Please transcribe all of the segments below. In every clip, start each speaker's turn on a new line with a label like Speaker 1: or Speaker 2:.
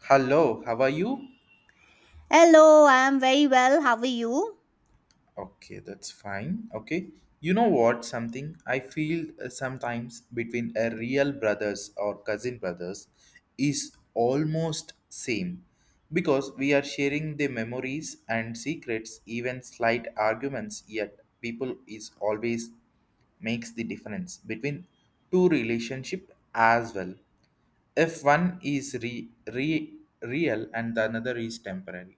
Speaker 1: Hello, how are you?
Speaker 2: Hello, I'm very well. How are you?
Speaker 1: Okay, that's fine. Okay. You know what? Something I feel sometimes between a real brothers or cousin brothers is almost same because we are sharing the memories and secrets, even slight arguments, yet people is always makes the difference between two relationship as well. If one is real and the another is temporary.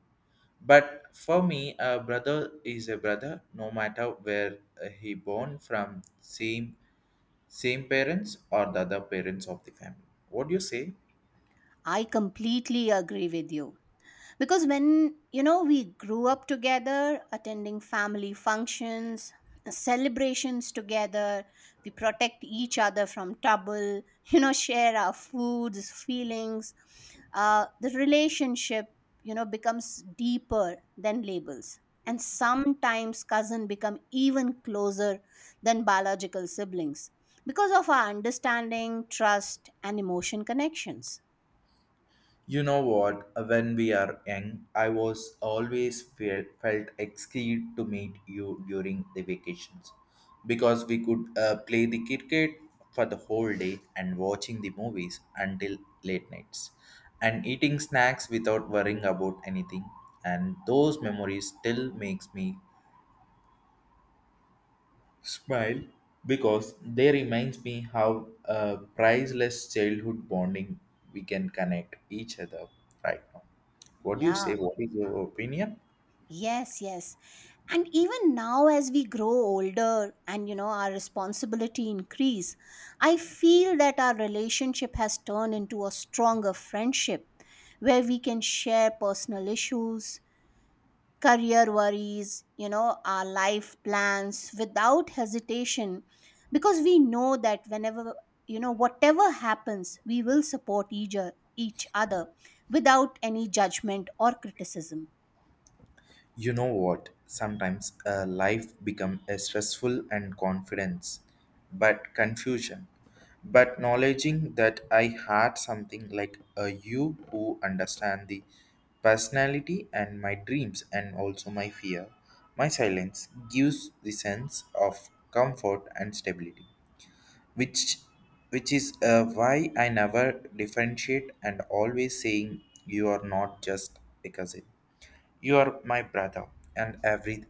Speaker 1: But for me, a brother is a brother, no matter where he born from, same parents or the other parents of the family. What do you say?
Speaker 2: I completely agree with you, because when we grew up together attending family functions, celebrations together. We protect each other from trouble share our foods, feelings, the relationship becomes deeper than labels. And sometimes cousin become even closer than biological siblings because of our understanding, trust, and emotion connections.
Speaker 1: You know what? When we are young, I was always felt excited to meet you during the vacations because we could play the cricket for the whole day and watching the movies until late nights and eating snacks without worrying about anything. And those memories still makes me smile because they reminds me how priceless childhood bonding we can connect each other right now. What do you
Speaker 2: Yeah.
Speaker 1: say? What is your opinion?
Speaker 2: Yes, yes. And even now, as we grow older and our responsibility increase, I feel that our relationship has turned into a stronger friendship where we can share personal issues, career worries, our life plans without hesitation, because we know that whenever whatever happens, we will support each other without any judgment or criticism.
Speaker 1: You know what? Sometimes life become a stressful and confidence, but confusion. But acknowledging that I had something like a you who understand the personality and my dreams and also my fear, my silence gives the sense of comfort and stability, which which is why I never differentiate and always saying you are not just a cousin. You are my brother, and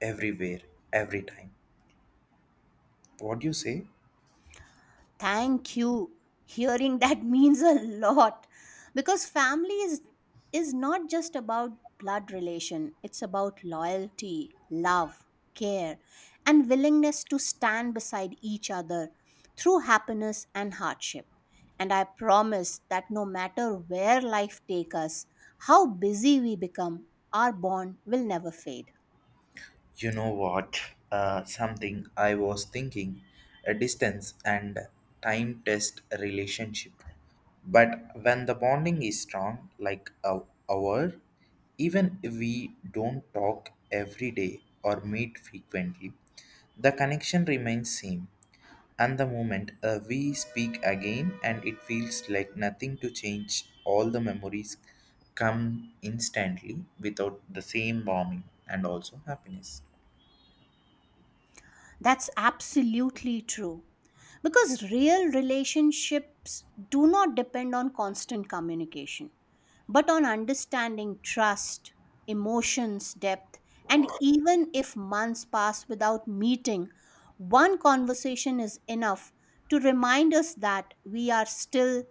Speaker 1: everywhere, every time. What do you say?
Speaker 2: Thank you. Hearing that means a lot, because family is not just about blood relation. It's about loyalty, love, care, and willingness to stand beside each other through happiness and hardship. And I promise that no matter where life takes us, how busy we become, our bond will never fade.
Speaker 1: You know what? Something I was thinking. A distance and time test relationship. But when the bonding is strong, like a our, even if we don't talk every day or meet frequently, the connection remains same. And the moment we speak again, and it feels like nothing to change, all the memories come instantly without the same warming and also happiness.
Speaker 2: That's absolutely true. Because real relationships do not depend on constant communication, but on understanding, trust, emotions, depth. And even if months pass without meeting, one conversation is enough to remind us that we are still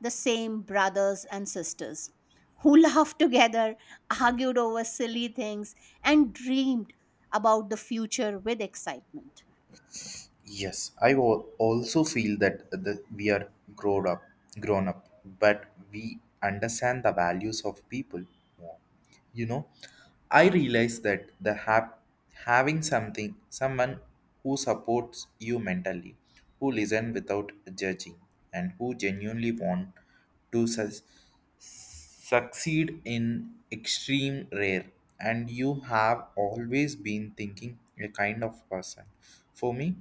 Speaker 2: the same brothers and sisters who laughed together, argued over silly things, and dreamed about the future with excitement.
Speaker 1: Yes, also feel that the, we are grown up, grown up, but we understand the values of people more. You know, I realize that having something, someone who supports you mentally, who listen without judging, and who genuinely want to sus- succeed in extreme rare and you have always been thinking a kind of person for me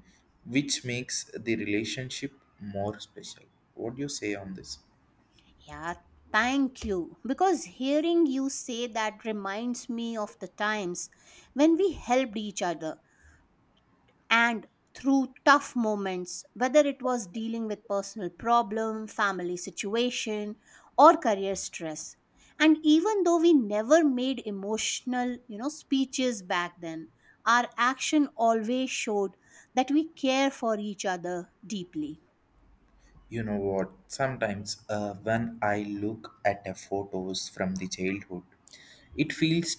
Speaker 1: which makes the relationship more special. What do you say on this?
Speaker 2: Yeah, thank you. Because hearing you say that reminds me of the times when we helped each other and through tough moments, whether it was dealing with personal problem, family situation, or career stress. And even though we never made emotional, speeches back then, our action always showed that we care for each other deeply.
Speaker 1: You know what? Sometimes when I look at the photos from the childhood, it feels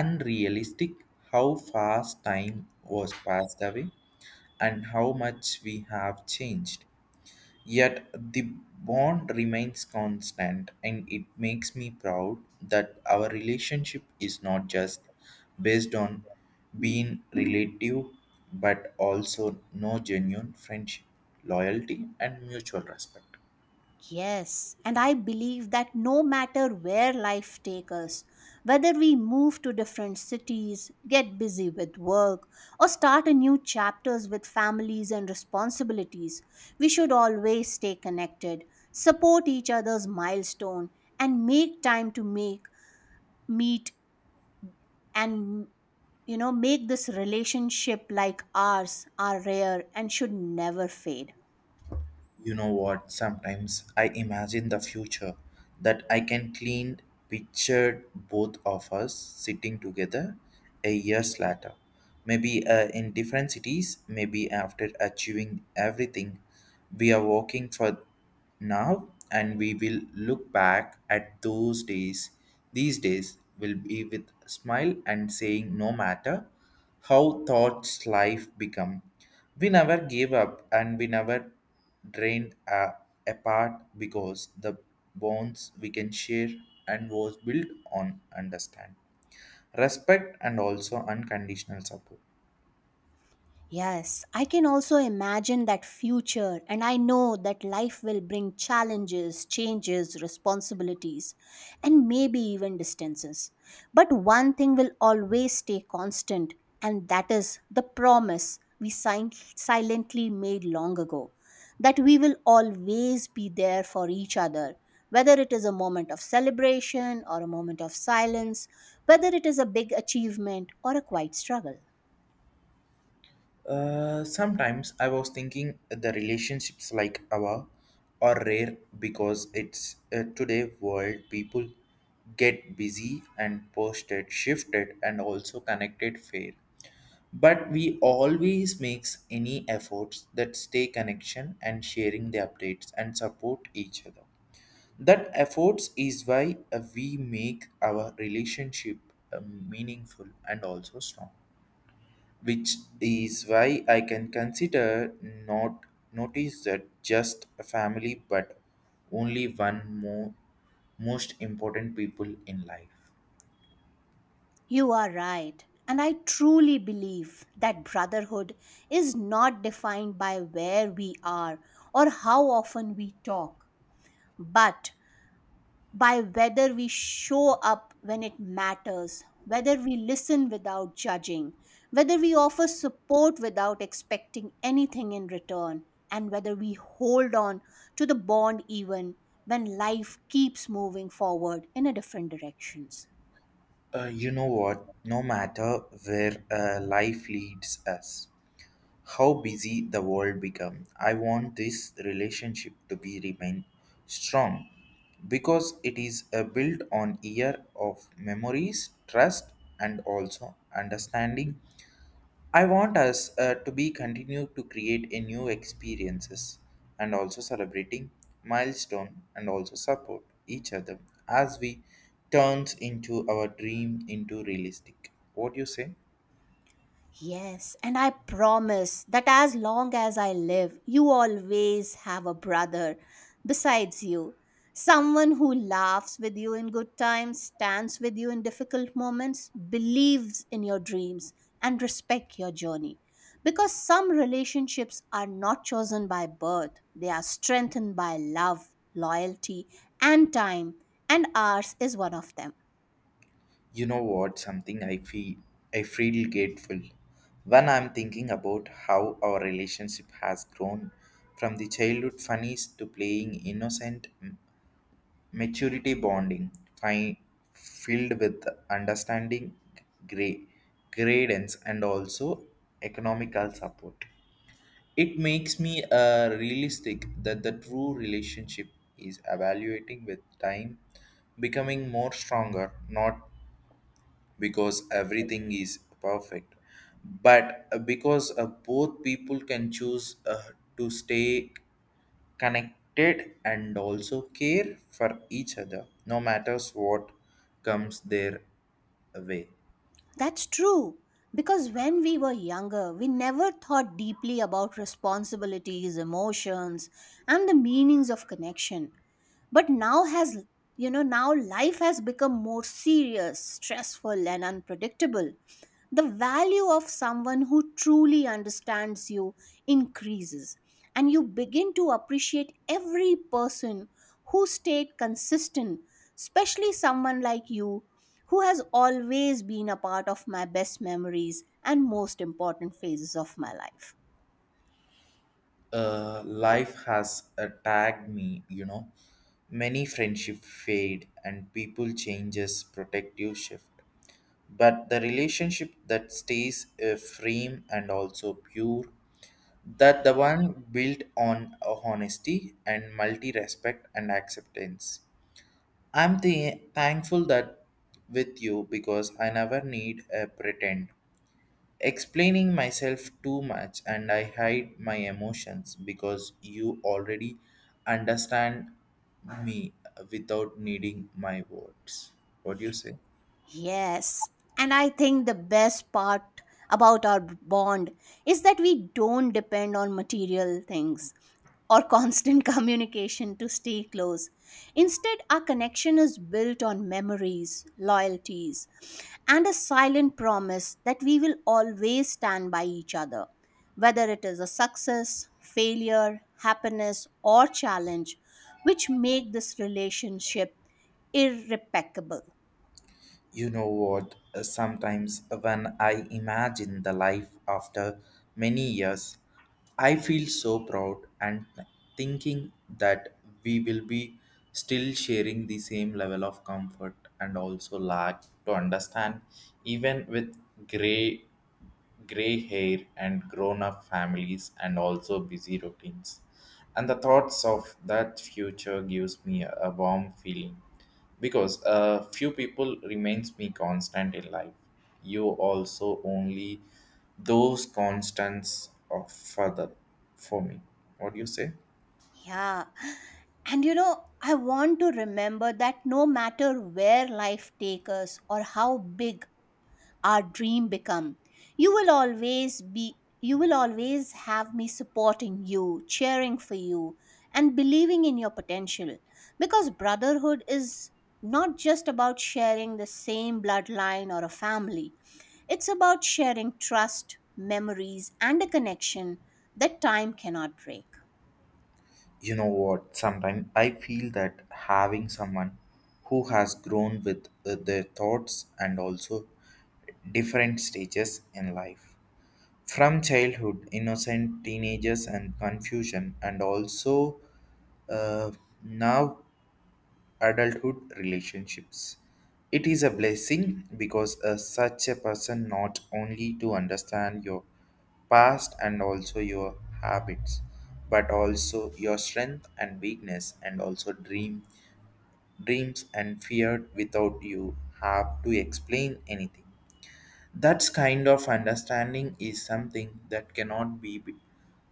Speaker 1: unrealistic how fast time was passed away and how much we have changed. Yet the bond remains constant, and it makes me proud that our relationship is not just based on being relative but also no genuine friendship, loyalty, and mutual respect.
Speaker 2: Yes, and I believe that no matter where life takes us, whether we move to different cities, get busy with work, or start a new chapters with families and responsibilities, we should always stay connected, support each other's milestone, and make time to make meet and make this relationship like ours are rare and should never fade.
Speaker 1: You know what? Sometimes I imagine the future that I can clean pictured both of us sitting together a years later. Maybe in different cities, maybe after achieving everything we are working for now and we will look back at those days, these days will be with smile and saying no matter how thoughts life become, we never gave up and we never drained apart because the bonds we can share and was built on understand, respect and also unconditional support.
Speaker 2: Yes, I can also imagine that future, and I know that life will bring challenges, changes, responsibilities, and maybe even distances. But one thing will always stay constant, and that is the promise we silently made long ago that we will always be there for each other, whether it is a moment of celebration or a moment of silence, whether it is a big achievement or a quiet struggle.
Speaker 1: Sometimes I was thinking the relationships like our are rare because it's today world people get busy and posted shifted and also connected fair, but we always makes any efforts that stay connection and sharing the updates and support each other. That efforts is why we make our relationship uh, meaningful and also strong, which is why I can consider not notice that just a family but only one more most important people in life.
Speaker 2: You are right. And I truly believe that brotherhood is not defined by where we are or how often we talk, but by whether we show up when it matters, whether we listen without judging, whether we offer support without expecting anything in return, and whether we hold on to the bond even when life keeps moving forward in a different directions.
Speaker 1: You know what, no matter where life leads us, how busy the world become, I want this relationship to be remain strong because it is a built on year of memories, trust and also understanding. I want us to be continue to create a new experiences and also celebrating milestone and also support each other as we turns into our dream into realistic. What do you say?
Speaker 2: Yes, and I promise that as long as I live, you always have a brother besides you. Someone who laughs with you in good times, stands with you in difficult moments, believes in your dreams, and respect your journey. Because some relationships are not chosen by birth, they are strengthened by love, loyalty, and time, and ours is one of them.
Speaker 1: You know what? Something I feel grateful when I'm thinking about how our relationship has grown from the childhood funnies to playing maturity bonding, fi- filled with understanding, gra- gradients, and also economical support. It makes me realistic that the true relationship is evaluating with time, becoming more stronger, not because everything is perfect but because both people can choose to stay connected and also care for each other no matters what comes their way.
Speaker 2: That's true. Because when we were younger, we never thought deeply about responsibilities, emotions, and the meanings of connection. But now life has become more serious, stressful, and unpredictable. The value of someone who truly understands you increases, and you begin to appreciate every person who stayed consistent, especially someone like you, who has always been a part of my best memories and most important phases of my life.
Speaker 1: Life has attacked me, you know, many friendship fade and people changes protective shift, but the relationship that stays frame and also pure, that the one built on honesty and multi respect and acceptance. I'm the thankful that with you because I never need a pretend. Explaining myself too much and I hide my emotions because you already understand me without needing my words. What do you say?
Speaker 2: Yes. And I think the best part about our bond is that we don't depend on material things or constant communication to stay close. Instead, our connection is built on memories, loyalties, and a silent promise that we will always stand by each other, whether it is a success, failure, happiness, or challenge, which make this relationship irreparable.
Speaker 1: You know what? Sometimes when I imagine the life after many years, I feel so proud and thinking that we will be still sharing the same level of comfort and also lack to understand, even with gray gray hair and grown up families and also busy routines. And the thoughts of that future gives me a warm feeling because few people remains me constant in life. You also only those constants of further for me. What do you say?
Speaker 2: Yeah. And you know, I want to remember that no matter where life takes us or how big our dream become, you will always have me supporting you, cheering for you, and believing in your potential. Because brotherhood is not just about sharing the same bloodline or a family. It's about sharing trust, memories, and a connection that time cannot break.
Speaker 1: You know what? Sometimes I feel that having someone who has grown with their thoughts and also different stages in life, from childhood, innocent teenagers and confusion, and also uh, now adulthood relationships. It is a blessing because such a person not only to understand your past and also your habits, but also your strength and weakness, and also dreams and fear without you have to explain anything. That kind of understanding is something that cannot be b-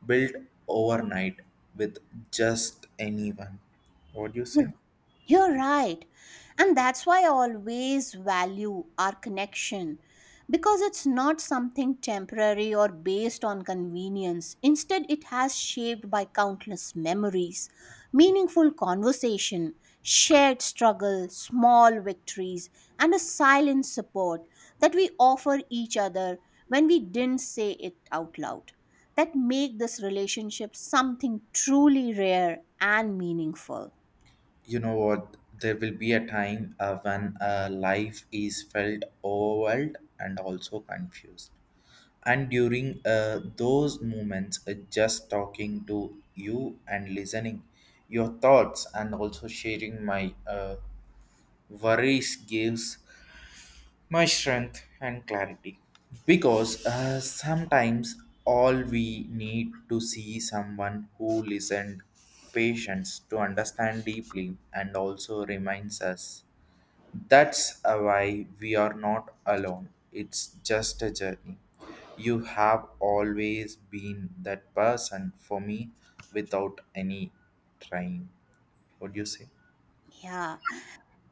Speaker 1: built overnight with just anyone. What do you say?
Speaker 2: You're right. And that's why I always value our connection, because it's not something temporary or based on convenience. Instead, it has shaped by countless memories, meaningful conversation, shared struggle, small victories, and a silent support that we offer each other when we didn't say it out loud, that make this relationship something truly rare and meaningful.
Speaker 1: You know what? There will be a time when life is felt overwhelmed and also confused. And during those moments, just talking to you and listening your thoughts and also sharing my worries gives my strength and clarity because sometimes all we need to see someone who listened patience to understand deeply and also reminds us that's why we are not alone, it's just a journey. You have always been that person for me without any trying. What do you say?
Speaker 2: Yeah.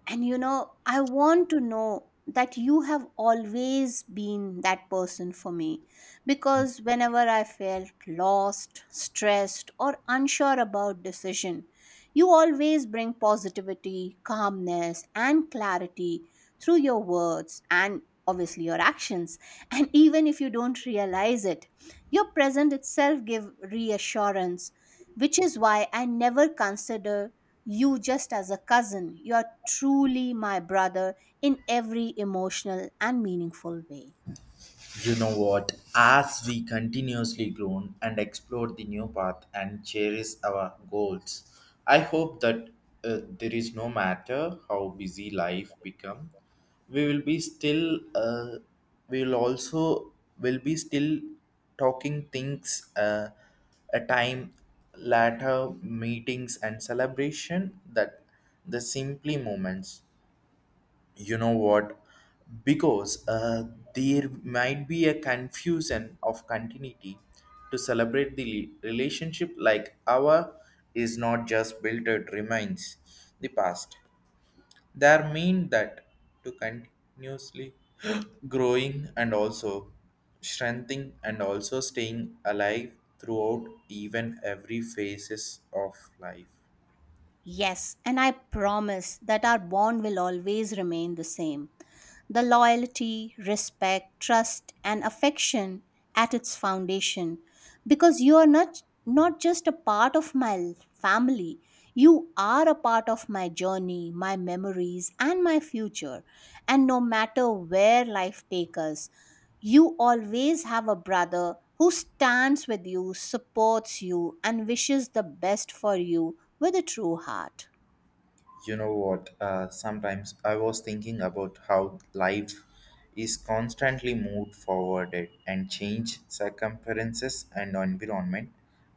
Speaker 2: And you know, I want to know that you have always been that person for me, because whenever I felt lost, stressed, or unsure about decision, you always bring positivity, calmness, and clarity through your words and obviously your actions. And even if you don't realize it, your presence itself give reassurance, which is why I never consider you just as a cousin. You are truly my brother in every emotional and meaningful way.
Speaker 1: You know what? As we continuously grow and explore the new path and cherish our goals, I hope that there is no matter how busy life become, we will be still. We will also will be still talking things. A time later meetings and celebration that the simply moments, you know what, because there might be a confusion of continuity to celebrate the relationship like our is not just built it remains the past, there mean that to continuously growing and also strengthening and also staying alive throughout even every phases of life.
Speaker 2: Yes, and I promise that our bond will always remain the same, the loyalty, respect, trust, and affection at its foundation. Because you are not just a part of my family, you are a part of my journey, my memories, and my future. And no matter where life takes us, you always have a brother who stands with you, supports you, and wishes the best for you with a true heart.
Speaker 1: You know what? Sometimes I was thinking about how life is constantly moved forward and change circumferences and environment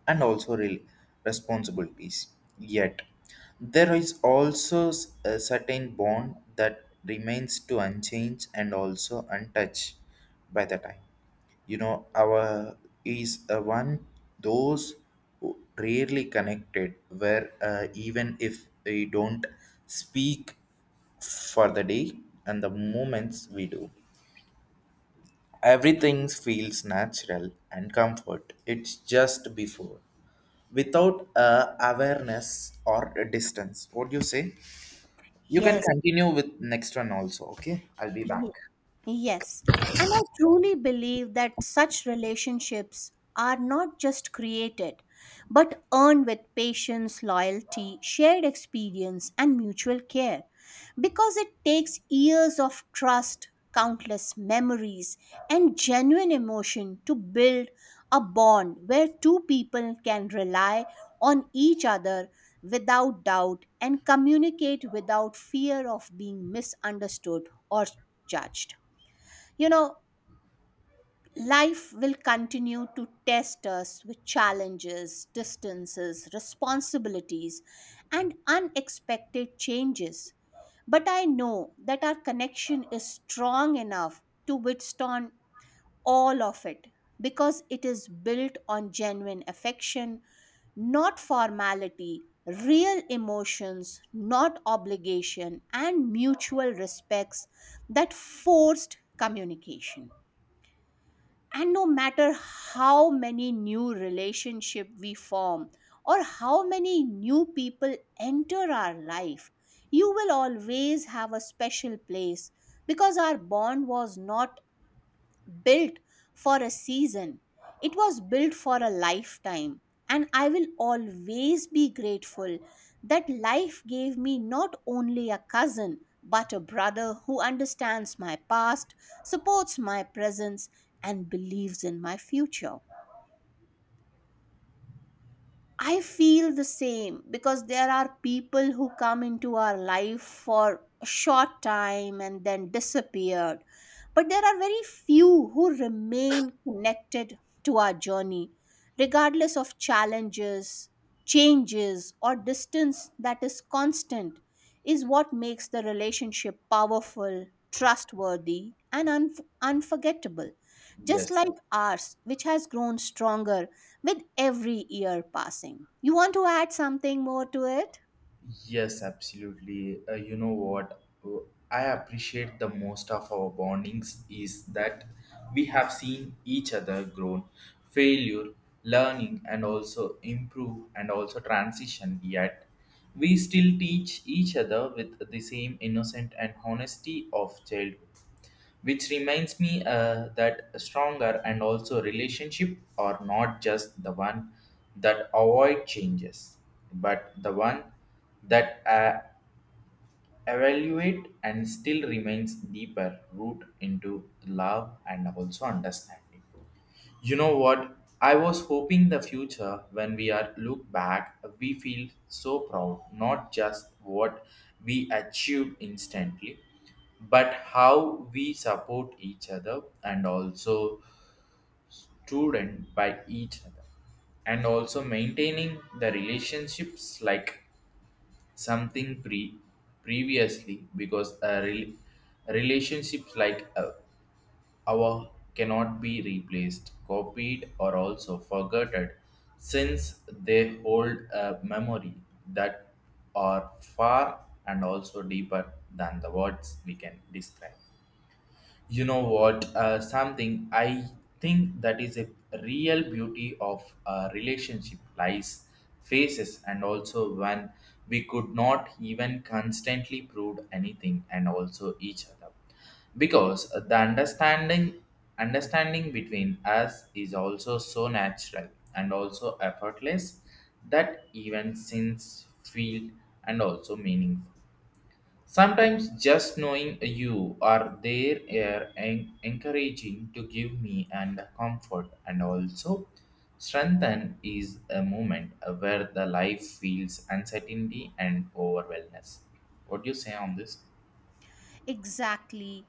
Speaker 1: and also responsibilities. Yet there is also a certain bond that remains to unchanged and also untouched by the time. You know, our is a one those rarely connected where even if we don't speak for the day and the moments we do, everything feels natural and comfort, it's just before without awareness or a distance. What do you say? You can
Speaker 2: Yes.
Speaker 1: continue with next one also. Okay, I'll be back.
Speaker 2: Yes, and I truly believe that such relationships are not just created, but earned with patience, loyalty, shared experience, and mutual care. Because it takes years of trust, countless memories, and genuine emotion to build a bond where two people can rely on each other without doubt and communicate without fear of being misunderstood or judged. You know, life will continue to test us with challenges, distances, responsibilities, and unexpected changes. But I know that our connection is strong enough to withstand all of it, because it is built on genuine affection, not formality, real emotions, not obligation, and mutual respects that forced communication. And no matter how many new relationship we form or how many new people enter our life, you will always have a special place, because our bond was not built for a season, it was built for a lifetime. And I will always be grateful that life gave me not only a cousin, but a brother who understands my past, supports my presence, and believes in my future. I feel the same, because there are people who come into our life for a short time and then disappeared. But there are very few who remain connected to our journey, regardless of challenges, changes, or distance. That is constant, is what makes the relationship powerful, trustworthy, and unforgettable, just
Speaker 1: Yes.
Speaker 2: like ours, which has grown stronger with every year passing. You want to add something more to it?
Speaker 1: Yes, absolutely. You know what? I appreciate the most of our bondings is that we have seen each other grown, failure, learning, and also improve and also transition. Yet we still teach each other with the same innocent and honesty of childhood, which reminds me that stronger and also relationship are not just the one that avoid changes but the one that evaluate and still remains deeper root into love and also understanding. You know what? I was hoping the future when we are look back, we feel so proud, not just what we achieved instantly, but how we support each other and also student by each other and also maintaining the relationships like something previously because a relationships like hour cannot be replaced, copied, or also forgotten, since they hold a memory that are far and also deeper than the words we can describe. You know what? Something I think that is a real beauty of a relationship lies faces and also when we could not even constantly prove anything and also each other because the understanding between us is also so natural and also effortless that even since feel and also meaningful. Sometimes just knowing you are there are encouraging to give me and comfort and also strengthen is a moment where the life feels uncertainty and overwhelmness. What do you say on this?
Speaker 2: Exactly.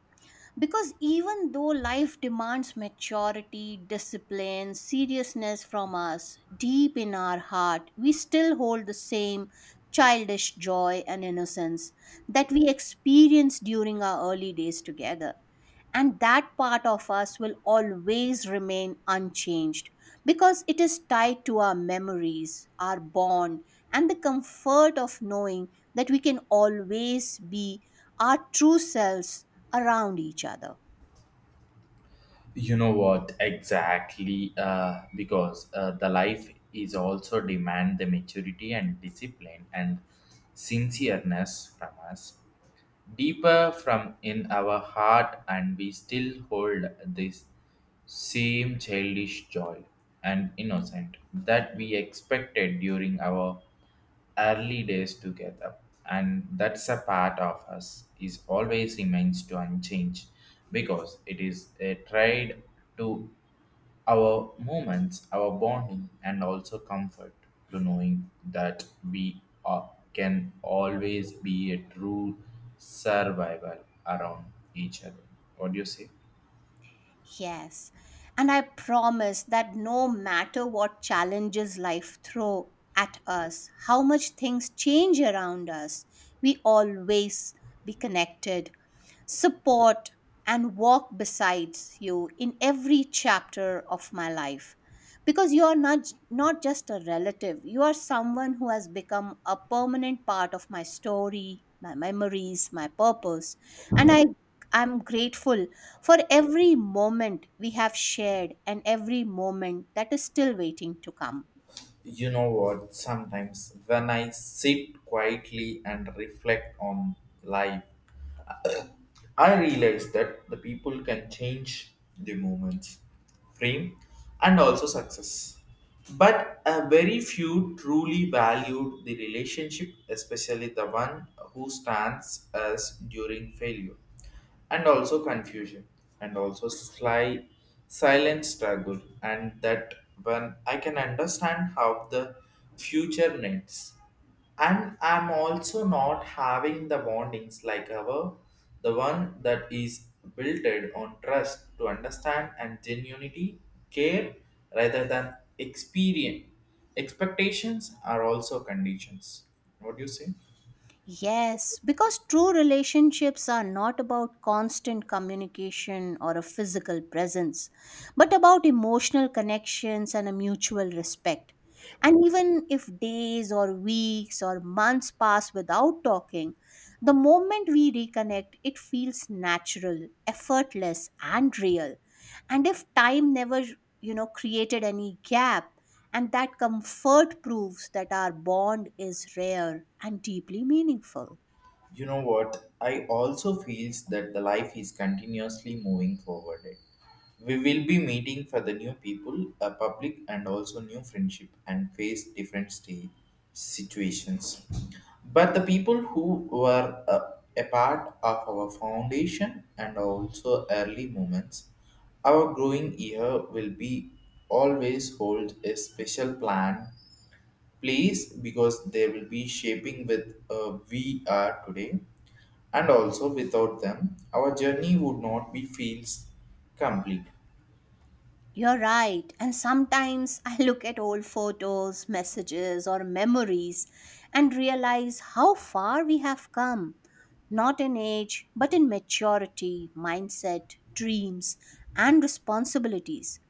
Speaker 2: Because even though life demands maturity, discipline, seriousness from us, deep in our heart, we still hold the same childish joy and innocence that we experienced during our early days together. And that part of us will always remain unchanged, because it is tied to our memories, our bond, and the comfort of knowing that we can always be our true selves around each other.
Speaker 1: You know what exactly? Because the life is also demand the maturity and discipline and sincereness from us, deeper from in our heart, and we still hold this same childish joy and innocent that we expected during our early days together. And that's a part of us is always remains to unchanged because it is a tried to our moments, our bonding, and also comfort to knowing that we are, can always be a true survival around each other. What do you say?
Speaker 2: Yes. And I promise that no matter what challenges life throw at us, how much things change around us, we always be connected, support, and walk besides you in every chapter of my life, because you are not just a relative. You are someone who has become a permanent part of my story, my memories, my purpose, and I'm grateful for every moment we have shared and every moment that is still waiting to come.
Speaker 1: You know what? Sometimes when I sit quietly and reflect on life, I realized that the people can change the moments, frame, and also success. But a very few truly valued the relationship, especially the one who stands us during failure and also confusion and also sly silent struggle, and that when I can understand how the future needs, and I'm also not having the bondings like our, the one that is built on trust to understand and genuinity care rather than experience expectations are also conditions. What do you say?
Speaker 2: Yes, because true relationships are not about constant communication or a physical presence, but about emotional connections and a mutual respect. And even if days or weeks or months pass without talking, the moment we reconnect, it feels natural, effortless, and real. And if time never, created any gap, and that comfort proves that our bond is rare and deeply meaningful.
Speaker 1: You know what? I also feels that the life is continuously moving forward. We will be meeting for the new people, a public, and also new friendship, and face different state situations. But the people who were a part of our foundation and also early moments, our growing year will be always hold a special plan. Place because they will be shaping with we are today, and also without them our journey would not be feels complete.
Speaker 2: You're right. And sometimes I look at old photos, messages, or memories and realize how far we have come, not in age, but in maturity, mindset, dreams, and responsibilities.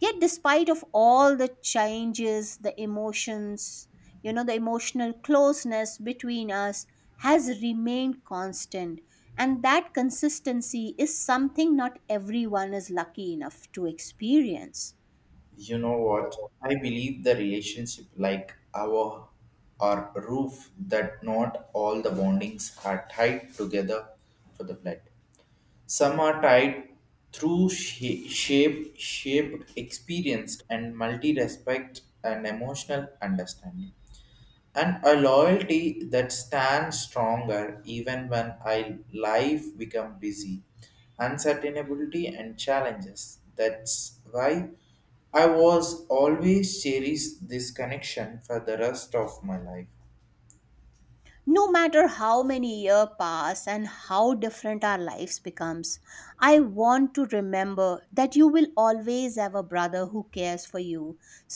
Speaker 2: Yet despite of all the changes, the emotions you know the emotional closeness between us has remained constant, and that consistency is something not everyone is lucky enough to experience.
Speaker 1: You know what, I believe the relationship like our or roof, that not all the bondings are tied together for the blood. Some are tied through shape shaped experienced and multi respect and emotional understanding and a loyalty that stands stronger even when I life become busy, uncertainty and challenges. That's why I was always cherish this connection for the rest of my life.
Speaker 2: No matter how many years pass and how different our lives becomes, I want to remember that you will always have a brother who cares for you,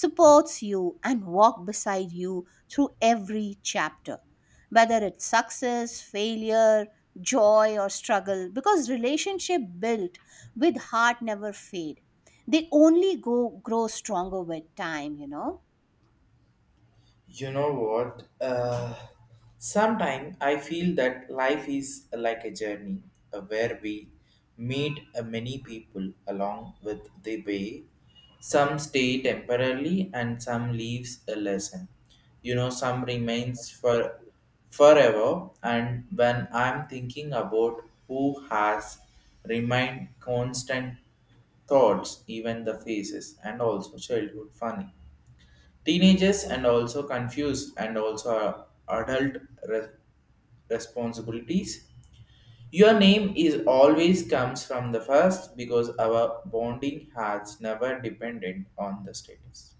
Speaker 2: supports you, and walk beside you through every chapter, whether it's success, failure, joy, or struggle. Because relationship built with heart never fade, they only go grow stronger with time, you know?
Speaker 1: You know what? Sometimes I feel that life is like a journey where we meet many people along with the way. Some stay temporarily and some leaves a lesson. You know, some remains for forever. And when I'm thinking about who has remained constant thoughts, even the faces and also childhood funny, teenagers and also confused and also adult re- responsibilities. Your name is always comes from the first because our bonding has never depended on the status.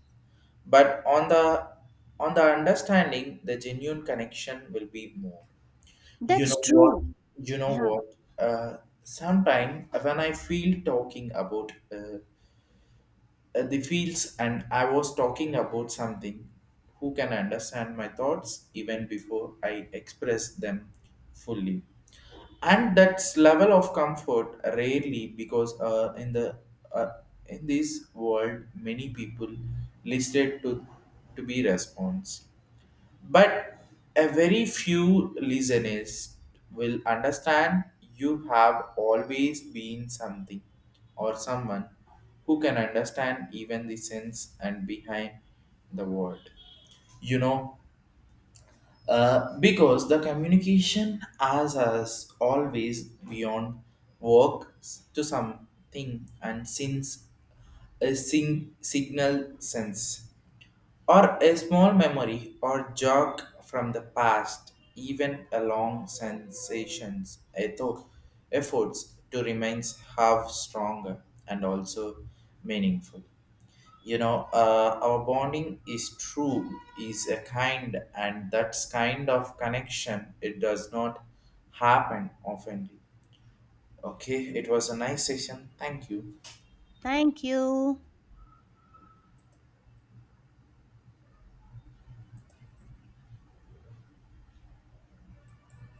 Speaker 1: But on the understanding, the genuine connection will be more. You
Speaker 2: That's
Speaker 1: know what?
Speaker 2: true.
Speaker 1: You know
Speaker 2: Yeah,
Speaker 1: what? Sometime when I feel talking about the fields and I was talking about something who can understand my thoughts even before I express them fully. And that's level of comfort rarely because uh, in this world many people listed to be response, but a very few listeners will understand. You have always been something or someone who can understand even the sense and behind the word, you know. Uh, because the communication as us always beyond work to something and since a signal sense or a small memory or jog from the past, even a long sensations, a thought efforts to remain half stronger and also meaningful. You know, our bonding is true, is a kind, and that's kind of connection. It does not happen often. Okay, it was a nice session. Thank you.
Speaker 2: thank you.